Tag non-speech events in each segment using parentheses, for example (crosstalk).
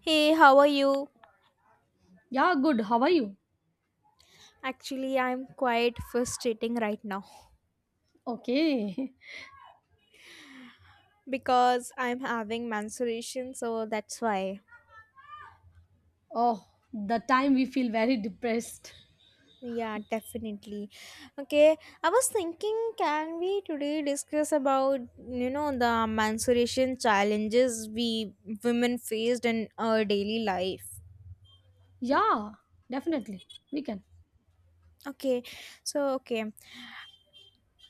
Hey, how are you? Yeah, good. How are you? Actually, I'm quite frustrating right now Okay. (laughs) because I'm having menstruation, so that's why. Oh, the time we feel very depressed. Yeah, definitely. Okay, I was thinking, can we today discuss about you know the menstruation challenges we women faced in our daily life? Yeah, definitely. We can. Okay, so okay,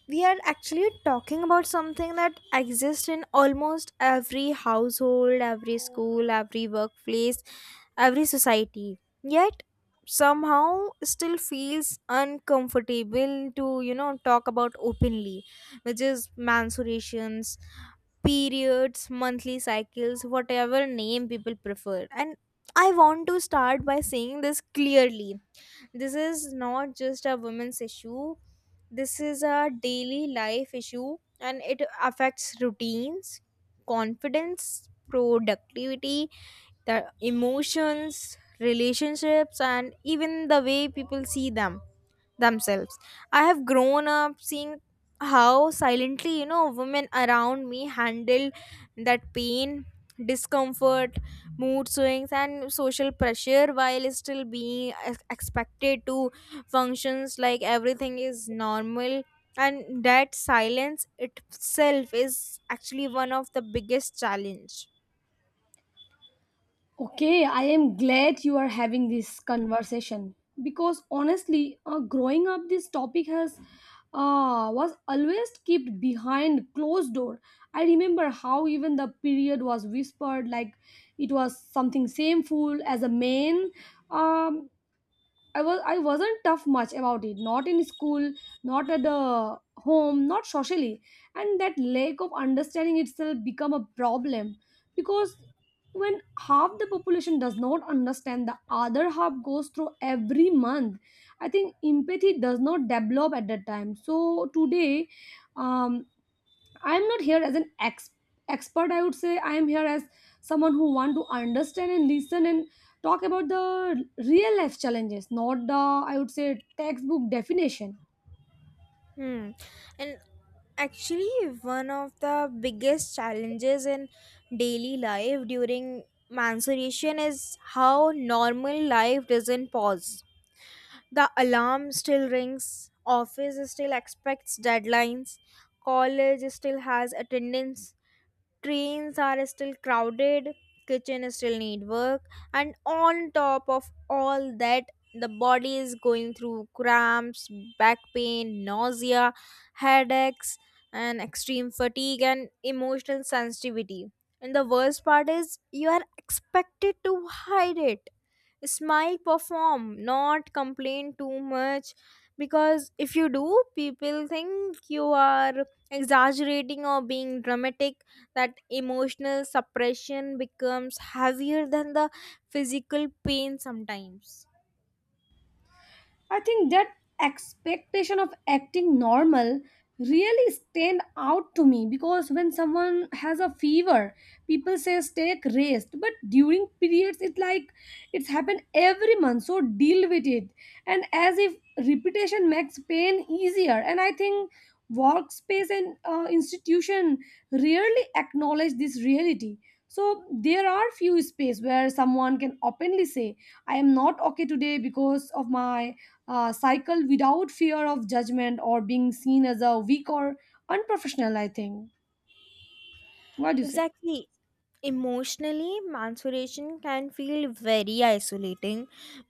we are actually talking about something that exists in almost every household, every school, every workplace, every society. Yet somehow still feels uncomfortable to, you know, talk about openly, which is menstruations, periods, monthly cycles, whatever name people prefer. And I want to start by saying this clearly, this is not just a women's issue, this is a daily life issue, and it affects routines, confidence, productivity, the emotions, relationships, and even the way people see themselves. I have grown up seeing how silently, you know, women around me handle that pain, discomfort, mood swings, and social pressure while still being expected to functions like everything is normal. And that silence itself is actually one of the biggest challenge. Okay, I am glad you are having this conversation because honestly, growing up, this topic has was always kept behind closed door. I remember how even the period was whispered like it was something shameful as a man. Um, I wasn't tough much about it, not in school, not at the home, not socially, and that lack of understanding itself become a problem because when half the population does not understand, the other half goes through every month. I think empathy does not develop at that time. So today, um, I'm not here as an expert. I would say I am here as someone who want to understand and listen and talk about the real life challenges, not the I would say textbook definition. Hmm. And actually one of the biggest challenges in daily life during menstruation is how normal life doesn't pause, the alarm still rings, office still expects deadlines, college still has attendance, trains are still crowded, kitchen still need work, and on top of all that, the body is going through cramps, back pain, nausea, headaches, and extreme fatigue and emotional sensitivity. And the worst part is you are expected to hide it, smile, perform, not complain too much, because if you do, people think you are exaggerating or being dramatic. That emotional suppression becomes heavier than the physical pain sometimes. I think that expectation of acting normal really stand out to me because when someone has a fever, people say take rest, but during periods it's like it's happened every month, so deal with it. And as if repetition makes pain easier. And I think workspace and institution rarely acknowledge this reality. So there are few space where someone can openly say, I am not okay today because of my cycle without fear of judgment or being seen as a weak or unprofessional, I think. What do you say? Exactly. Emotionally, maturation can feel very isolating.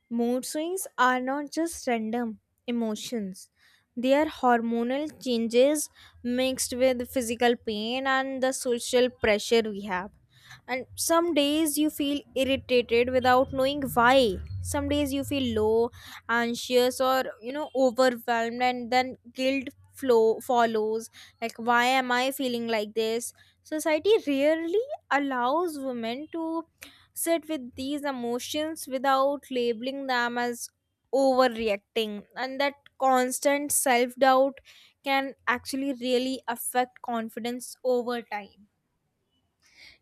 Mood swings are not just random emotions, they are hormonal changes mixed with physical pain and the social pressure we have. And some days you feel irritated without knowing why. Some days you feel low, anxious, or you know, overwhelmed, and then guilt flow follows. Like, why am I feeling like this? Society rarely allows women to sit with these emotions without labeling them as overreacting, and that constant self doubt can actually really affect confidence over time.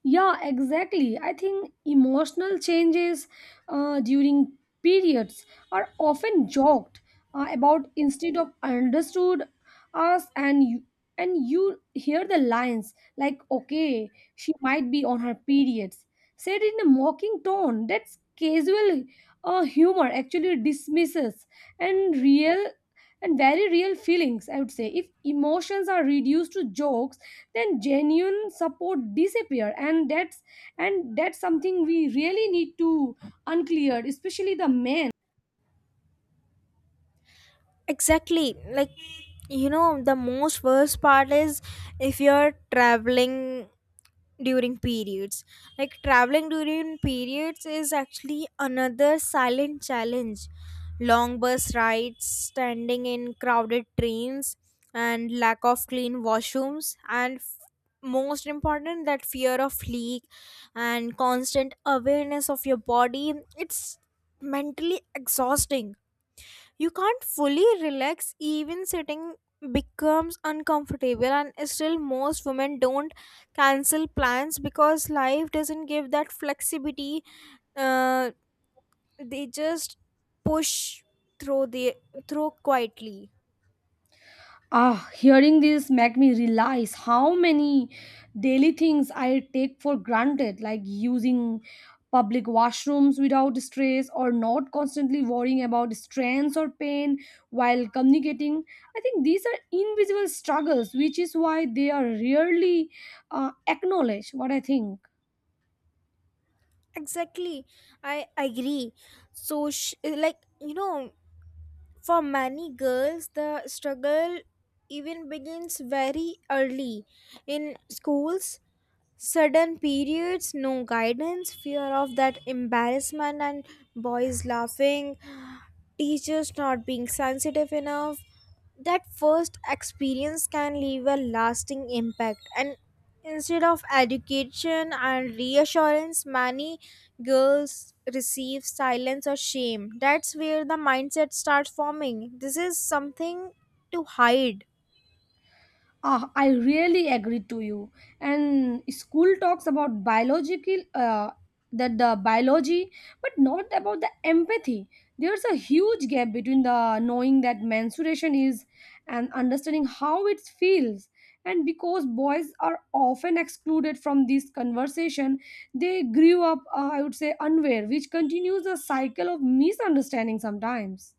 Yeah, exactly. I think emotional changes during periods are often joked about instead of understood us and you hear the lines like okay she might be on her periods said in a mocking tone that's casual humor actually dismisses and real and very real feelings. I would say if emotions are reduced to jokes, then genuine support disappear, and that's something we really need to unclear, especially the men. Exactly. Like, you know, the most worst part is if you're traveling during periods. Like traveling during periods is actually another silent challenge: long bus rides, standing in crowded trains, and lack of clean washrooms, and most important, that fear of leak and constant awareness of your body. It's mentally exhausting. You can't fully relax, even sitting becomes uncomfortable, and still most women don't cancel plans because life doesn't give that flexibility. uh, they just push through the through quietly. Ah, hearing this make me realize how many daily things I take for granted, like using public washrooms without stress or not constantly worrying about strains or pain while communicating. I think these are invisible struggles, which is why they are rarely uh, acknowledged, what I think. Exactly, I agree. So like, you know, for many girls the struggle even begins very early in schools. Sudden periods, no guidance, fear of that embarrassment, and boys laughing, teachers not being sensitive enough. That first experience can leave a lasting impact, and instead of education and reassurance, many girls receive silence or shame. That's where the mindset starts forming. This is something to hide. Ah, I really agree to you. And school talks about biological, that the biology, but not about the empathy. There's a huge gap between the knowing that menstruation is and understanding how it feels. And because boys are often excluded from this conversation, they grew up, I would say, unaware, which continues a cycle of misunderstanding sometimes.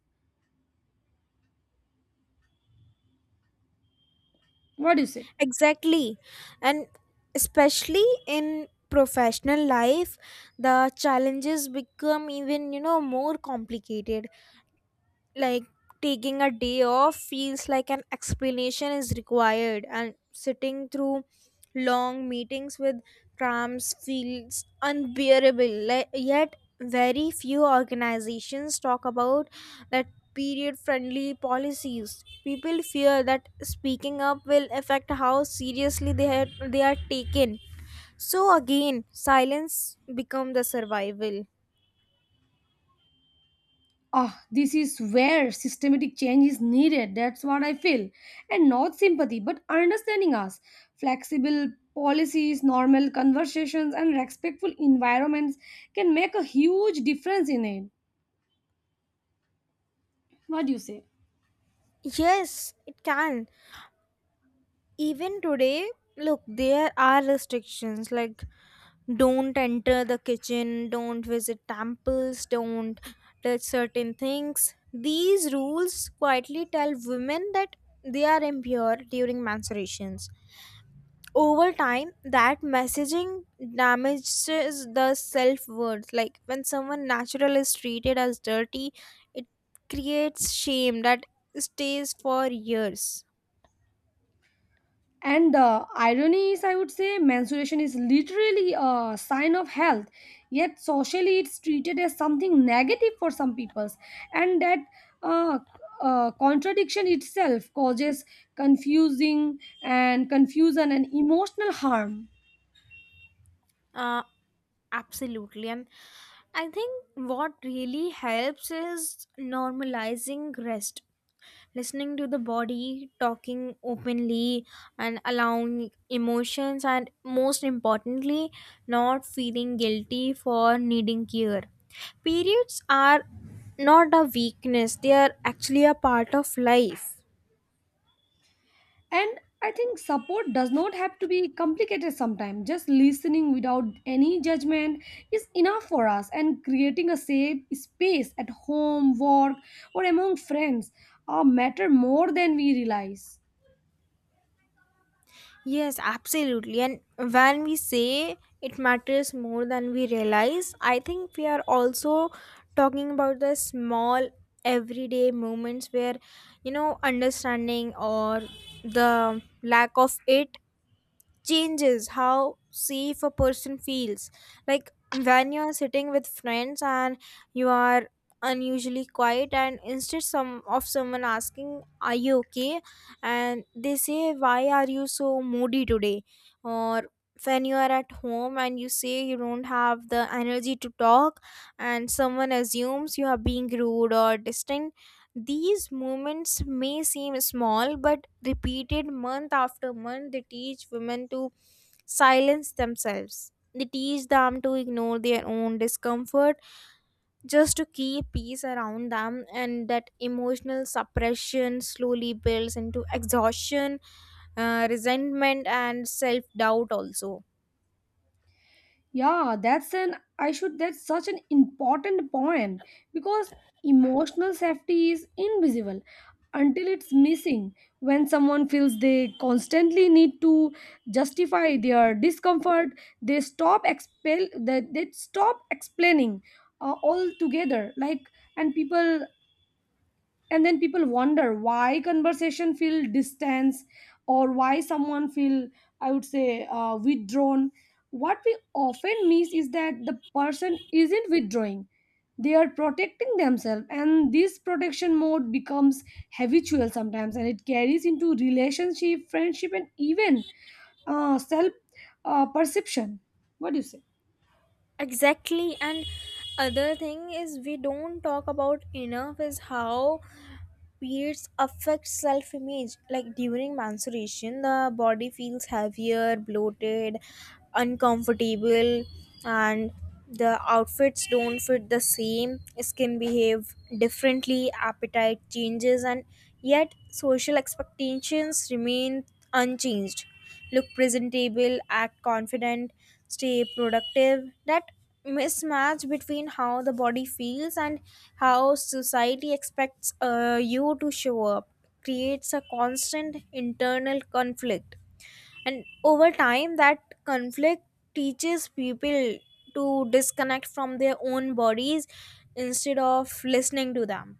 What do you say? Exactly. And especially in professional life, the challenges become even, you know, more complicated. Like taking a day off feels like an explanation is required, and sitting through long meetings with trams feels unbearable, like, yet very few organizations talk about that, period friendly policies. People fear that speaking up will affect how seriously they are taken, so again silence become the survival. Ah, this is where systematic change is needed. That's what I feel. And not sympathy, but understanding us. Flexible policies, normal conversations, and respectful environments can make a huge difference in it. What do you say? Yes, it can. Even today, look, there are restrictions like don't enter the kitchen, don't visit temples, don't touch certain things. These rules quietly tell women that they are impure during menstruations. Over time that messaging damages the self-worth. Like when someone natural is treated as dirty, it creates shame that stays for years. And the irony is, I would say, menstruation is literally a sign of health, yet socially it's treated as something negative for some peoples, and that uh, contradiction itself causes confusing and confusion and emotional harm. uh, Absolutely. And I think what really helps is normalizing rest, listening to the body, talking openly, and allowing emotions, and most importantly, not feeling guilty for needing care. Periods are not a weakness, they are actually a part of life. And I think support does not have to be complicated sometimes. Just listening without any judgment is enough for us, and creating a safe space at home, work, or among friends matter more than we realize. Yes, absolutely. And when we say it matters more than we realize, I think we are also talking about the small everyday moments where, you know, understanding or the lack of it changes how safe a person feels. Like when you are sitting with friends and you are unusually quiet, and instead someone asking, are you okay, and they say, why are you so moody today, or when you are at home and you say you don't have the energy to talk and someone assumes you are being rude or distant, these moments may seem small, but repeated month after month, they teach women to silence themselves. They teach them to ignore their own discomfort just to keep peace around them, and that emotional suppression slowly builds into exhaustion, resentment, and self doubt also. Yeah, that's an I should that's such an important point because emotional safety is invisible until it's missing. When someone feels they constantly need to justify their discomfort, they stop expel that they stop explaining altogether. Like, and people and then people wonder why conversation feel distance or why someone feel, I would say, withdrawn. What we often miss is that the person isn't withdrawing, they are protecting themselves, and this protection mode becomes habitual sometimes, and it carries into relationship, friendship, and even self perception. What do you say? Exactly, and other thing is we don't talk about enough is how periods affect self image. Like during menstruation, the body feels heavier, bloated, uncomfortable, and the outfits don't fit the same. Skin behave differently, appetite changes, and yet social expectations remain unchanged. Look presentable, act confident, stay productive. That mismatch between how the body feels and how society expects you to show up creates a constant internal conflict. And over time, that conflict teaches people to disconnect from their own bodies instead of listening to them.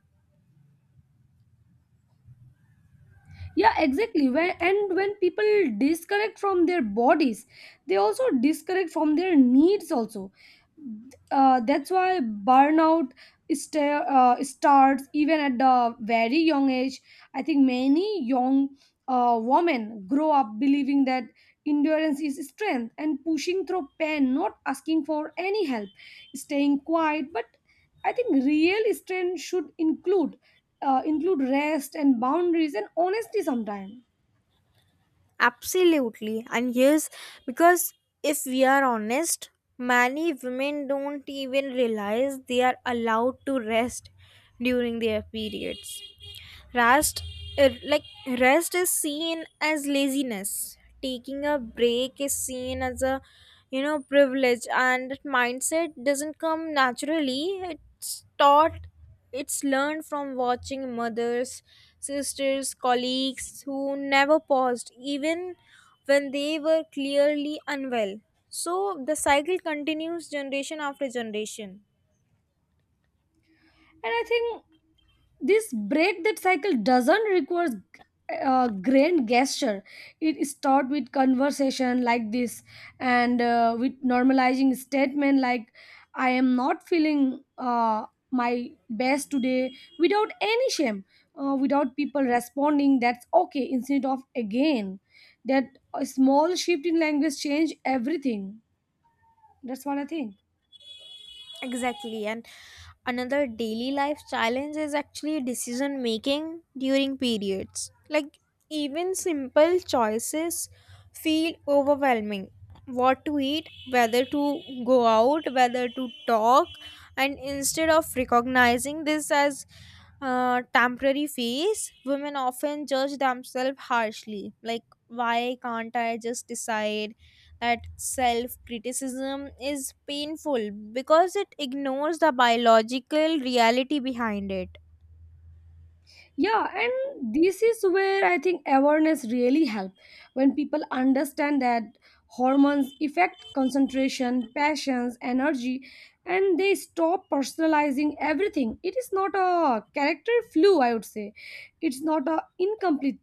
Yeah, exactly. When people disconnect from their bodies, they also disconnect from their needs also. That's why burnout starts even at the very young age. I think many young a woman grow up believing that endurance is strength and pushing through pain, not asking for any help, staying quiet. But I think real strength should include rest and boundaries and honesty sometimes. Absolutely. And yes, because if we are honest, many women don't even realize they are allowed to rest during their periods. Rest, uh, like Rest is seen as laziness. Taking a break is seen as a, you know, privilege, and that mindset doesn't come naturally. It's taught, it's learned from watching mothers, sisters, colleagues who never paused even when they were clearly unwell. So the cycle continues generation after generation. And I think this break that cycle doesn't require a grand gesture. It starts with conversation like this and with normalizing statement like I am not feeling, my best today without any shame, without people responding that's okay instead of again that. A small shift in language change everything, that's what I think. Exactly. And another daily life challenge is actually decision making during periods. Like, even simple choices feel overwhelming. What to eat, whether to go out, whether to talk, and instead of recognizing this as temporary phase, women often judge themselves harshly. Like, why can't I just decide? That self criticism is painful because it ignores the biological reality behind it. Yeah, and this is where I think awareness really help. When people understand that hormones affect concentration, passions, energy, and they stop personalizing everything, it is not a character flu, I would say. It's not a incomplete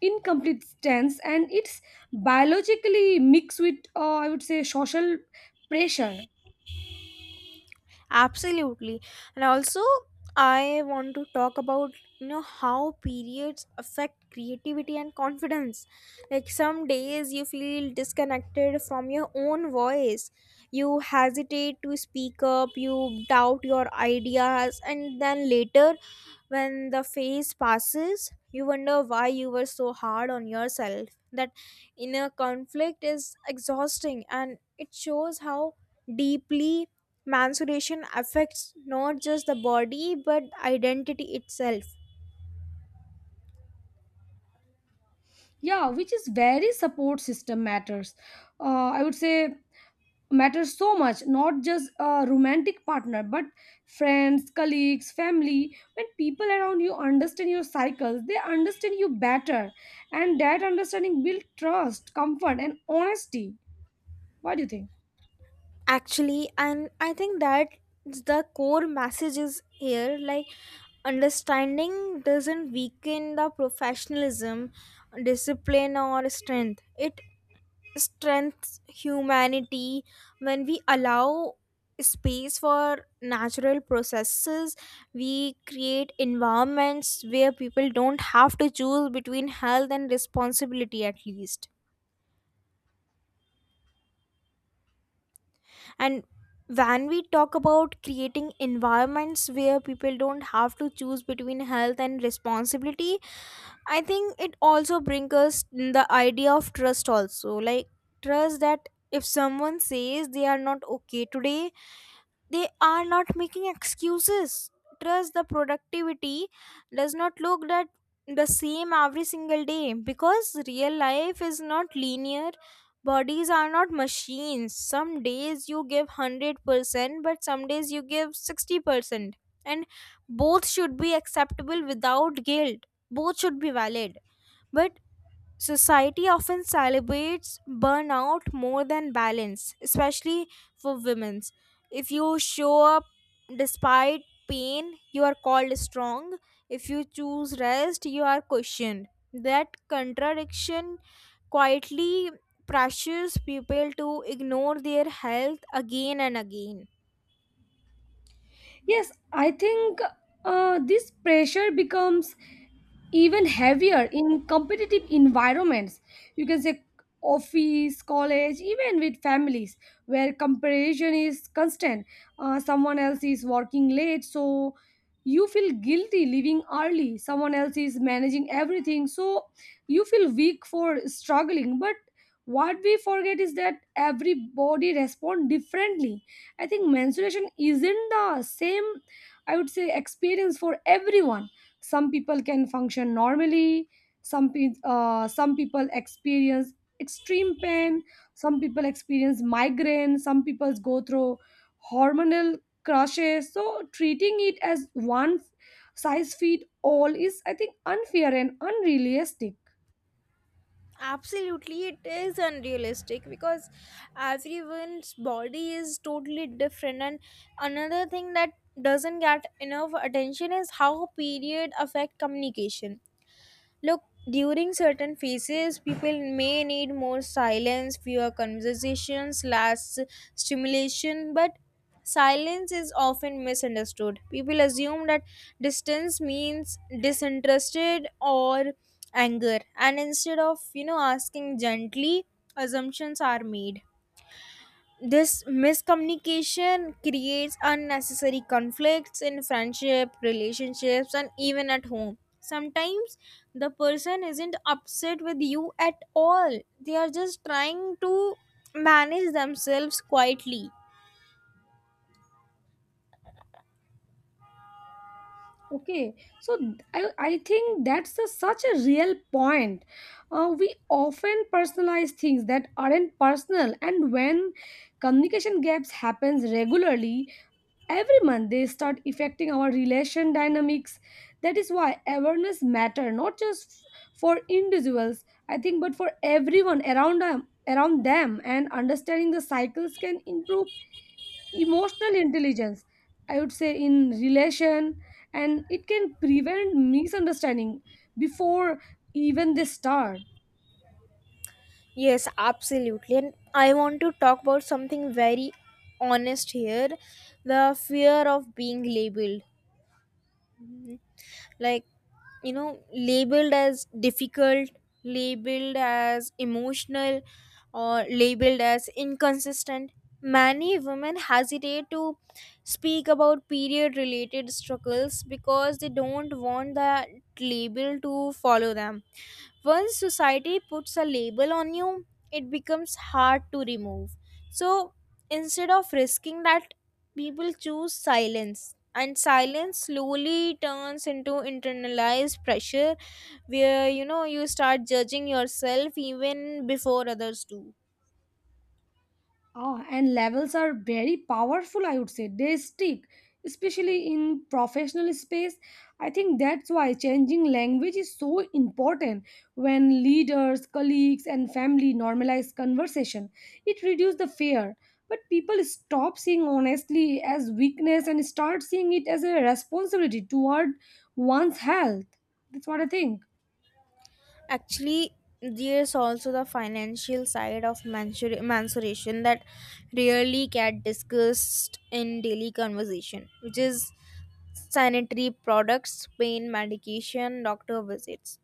stance, and it's biologically mixed with, I would say, social pressure. Absolutely. And also, I want to talk about, you know, how periods affect creativity and confidence. Like some days you feel disconnected from your own voice, you hesitate to speak up, you doubt your ideas, and then later, when the phase passes, you wonder why you were so hard on yourself. That inner conflict is exhausting and it shows how deeply menstruation affects not just the body but identity itself. Yeah, which is very support system matters, I would say, matters so much, not just a romantic partner but friends, colleagues, family. When people around you understand your cycles, they understand you better, and that understanding builds trust, comfort, and honesty. What do you think? Actually, and I think that the core message is here, like understanding doesn't weaken the professionalism, discipline or strength, it strengths humanity. When we allow space for natural processes, we create environments where people don't have to choose between health and responsibility, at least. And when we talk about creating environments where people don't have to choose between health and responsibility, I think it also brings us the idea of trust also. Like trust that if someone says they are not okay today, they are not making excuses. Trust the productivity does not look that the same every single day because real life is not linear. Bodies are not machines, some days you give 100% but some days you give 60%, and both should be acceptable without guilt, both should be valid. But society often celebrates burnout more than balance, especially for women. If you show up despite pain, you are called strong. If you choose rest, you are questioned. That contradiction quietly pressures people to ignore their health again and again. Yes, I think this pressure becomes even heavier in competitive environments. You can say office, college, even with families where comparison is constant. Someone else is working late, so you feel guilty leaving early. Someone else is managing everything, so you feel weak for struggling. But what we forget is that everybody responds differently. I think menstruation isn't the same, I would say, experience for everyone. Some people can function normally, some people experience extreme pain, some people experience migraine, some people go through hormonal crashes. So, treating it as one size fit all is, I think, unfair and unrealistic. Absolutely, it is unrealistic because everyone's body is totally different. And another thing that doesn't get enough attention is how period affect communication. Look, during certain phases, people may need more silence, fewer conversations, less stimulation, but silence is often misunderstood. People assume that distance means disinterested or anger, and instead of, you know, asking gently, assumptions are made. This miscommunication creates unnecessary conflicts in friendship, relationships, and even at home. Sometimes the person isn't upset with you at all, they are just trying to manage themselves quietly. Okay, so I think that's a, such a real point. We often personalize things that aren't personal, and when communication gaps happens regularly every month, they start affecting our relation dynamics. That is why awareness matter, not just for individuals, I think, but for everyone around them. Around them, and understanding the cycles can improve emotional intelligence, I would say, in relation, and it can prevent misunderstanding before even they start. Yes, absolutely. And I want to talk about something very honest here, the fear of being labeled. Like, you know, labeled as difficult, labeled as emotional, or labeled as inconsistent. Many women hesitate to speak about period related struggles because they don't want that label to follow them. Once society puts a label on you, it becomes hard to remove. So instead of risking that, people choose silence. And silence slowly turns into internalized pressure where, you know, you start judging yourself even before others do. Ah, and levels are very powerful, I would say. They stick, especially in professional space. I think that's why changing language is so important. When leaders, colleagues, and family normalize conversation, it reduces the fear. But people stop seeing honestly as weakness and start seeing it as a responsibility toward one's health. That's what I think. Actually, there's also the financial side of mensuration that rarely get discussed in daily conversation, which is sanitary products, pain medication, doctor visits.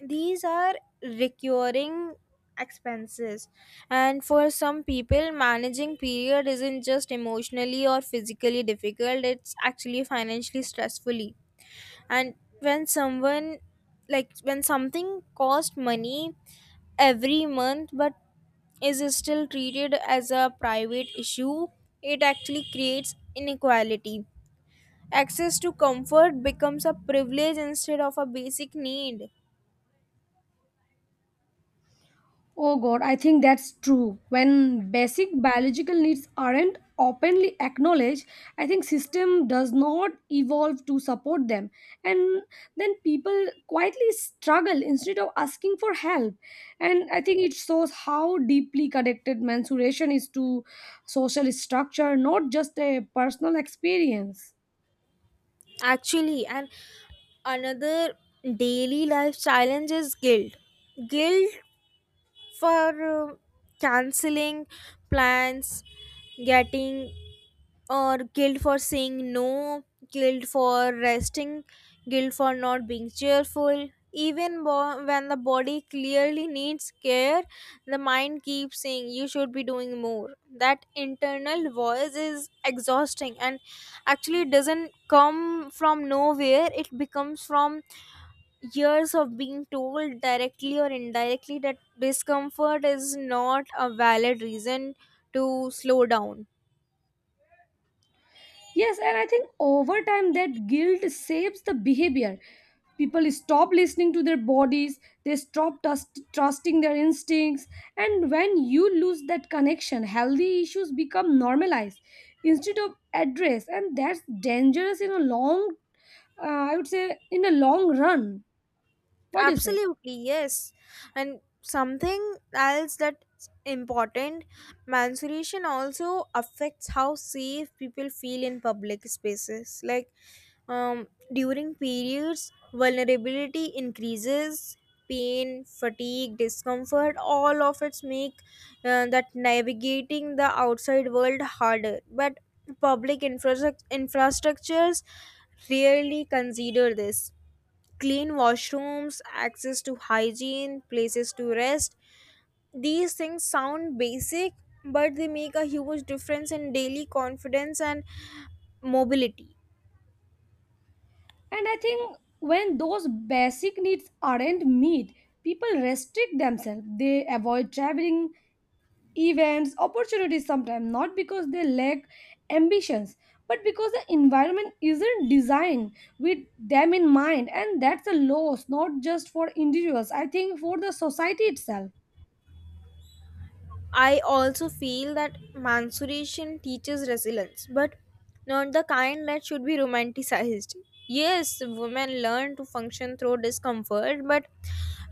These are recurring expenses, and for some people managing period isn't just emotionally or physically difficult, it's actually financially stressfully. And when someone, like when something costs money every month but is still treated as a private issue, it actually creates inequality. Access to comfort becomes a privilege instead of a basic need. Oh God, I think that's true. When basic biological needs aren't openly acknowledged, I think system does not evolve to support them. And then people quietly struggle instead of asking for help. And I think it shows how deeply connected mensuration is to social structure, not just a personal experience. Actually, and another daily life challenge is guilt for canceling plans, getting, or guilt for saying no, guilt for resting, guilt for not being cheerful. When the body clearly needs care, the mind keeps saying you should be doing more. That internal voice is exhausting and actually doesn't come from nowhere. It becomes from years of being told directly or indirectly that discomfort is not a valid reason to slow down. Yes, and I think over time that guilt shapes the behavior. People stop listening to their bodies, they trusting their instincts, and when you lose that connection, healthy issues become normalized instead of addressed, and that's dangerous in a long, I would say, in a long run. What do you say? Absolutely, yes. And something else that's important, menstruation also affects how safe people feel in public spaces. Like during periods, vulnerability increases, pain, fatigue, discomfort, all of it make that navigating the outside world harder. But public infrastructures rarely consider this: clean washrooms, access to hygiene, places to rest. These things sound basic, but they make a huge difference in daily confidence and mobility. And I think when those basic needs aren't met, people restrict themselves. They avoid traveling, events, opportunities sometimes, not because they lack ambitions, but because the environment isn't designed with them in mind. And that's a loss, not just for individuals, I think, for the society itself. I also feel that mensuration teaches resilience, but not the kind that should be romanticized. Yes, women learn to function through discomfort, but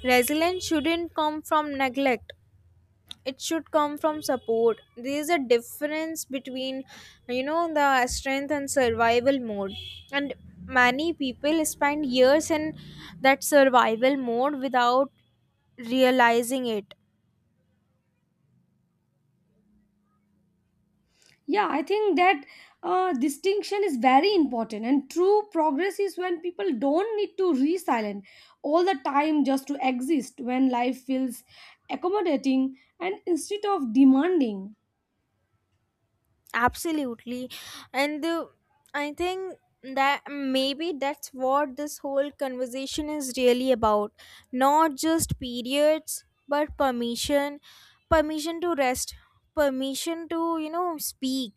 resilience shouldn't come from neglect. It should come from support. There is a difference between, you know, the strength and survival mode, and many people spend years in that survival mode without realizing it. Yeah, I think that distinction is very important, and true progress is when people don't need to re silent all the time just to exist, when life feels accommodating and instead of demanding. Absolutely. And I think that maybe that's what this whole conversation is really about. Not just periods, but permission. Permission to rest, permission to, you know, speak.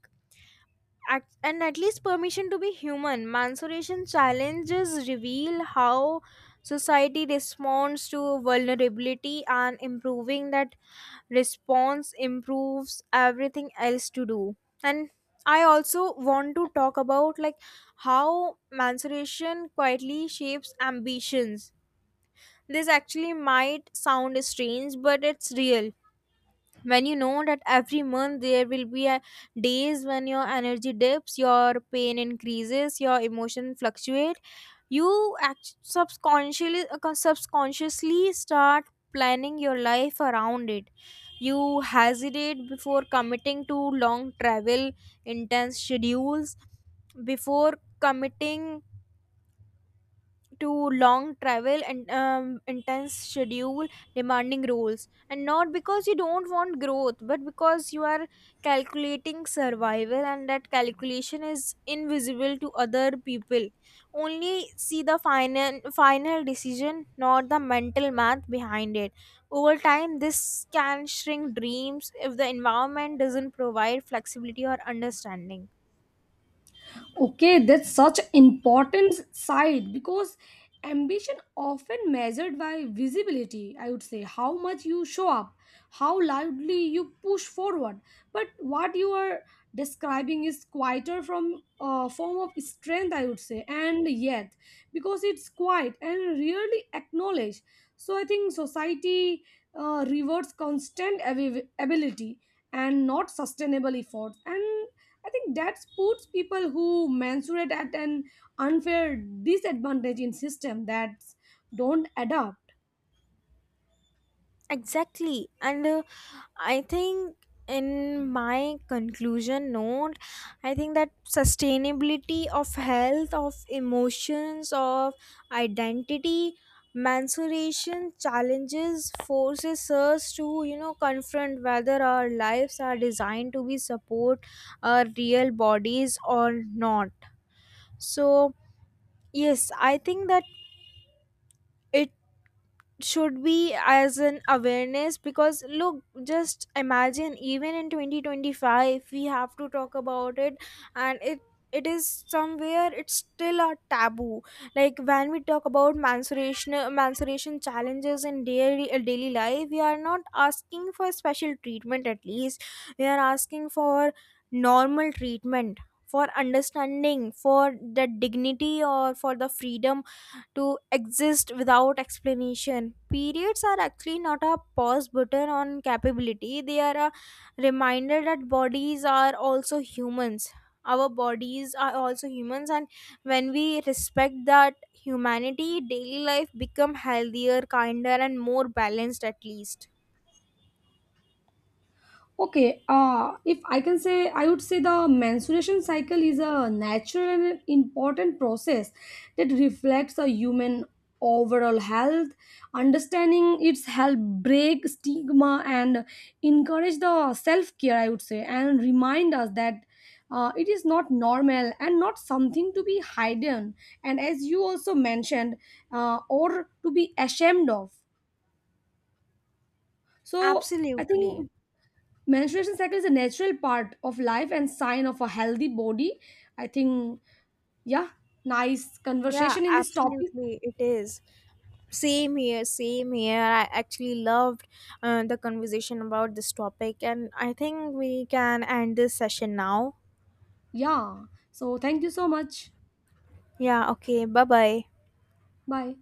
And at least permission to be human. Mansuration challenges reveal how society responds to vulnerability, and improving that response improves everything else to do. And I also want to talk about, like, how mansuration quietly shapes ambitions. This actually might sound strange, but it's real. When you know that every month there will be a days when your energy dips, your pain increases, your emotion fluctuate, you subconsciously, start planning your life around it. You hesitate before committing to long travel, intense schedules, before committing to long travel and intense schedule, demanding rules. And not because you don't want growth, but because you are calculating survival, and that calculation is invisible to other people. Only see the final decision, not the mental math behind it. Over time this can shrink dreams if the environment doesn't provide flexibility or understanding. Okay, that's such important side because ambition often measured by visibility. I would say how much you show up, how loudly you push forward. But what you are describing is quieter from a form of strength, I would say, and yet because it's quiet and rarely acknowledged. So I think society rewards ability and not sustainable efforts, and I think that puts people who mensurate at an unfair disadvantage in system that don't adapt. Exactly. And I think in my conclusion note, I think that sustainability of health, of emotions, of identity, mensuration challenges forces us to, you know, confront whether our lives are designed to be support our real bodies or not. So yes, I think that it should be as an awareness, because look, just imagine even in 2025 we have to talk about it, and it is somewhere it's still a taboo. Like when we talk about menstruation challenges in daily daily life, we are not asking for special treatment. At least we are asking for normal treatment, for understanding, for the dignity, or for the freedom to exist without explanation. Periods are actually not a pause button on capability, they are a reminder that bodies are also humans. Our bodies are also humans, and when we respect that humanity, daily life become healthier, kinder, and more balanced at least. Okay, if I can say, I would say the menstruation cycle is a natural and important process that reflects a human overall health. Understanding its help break stigma and encourage the self care, I would say, and remind us that it is not normal and not something to be hidden, and as you also mentioned, or to be ashamed of. So, I Absolutely. think menstruation cycle is a natural part of life and sign of a healthy body, I think. Yeah, nice Yeah, conversation in this topic. absolutely. It is. Same here. I actually loved the conversation about this topic, and I think we can end this session now. Yeah, so thank you so much. Yeah, okay, bye bye. Bye.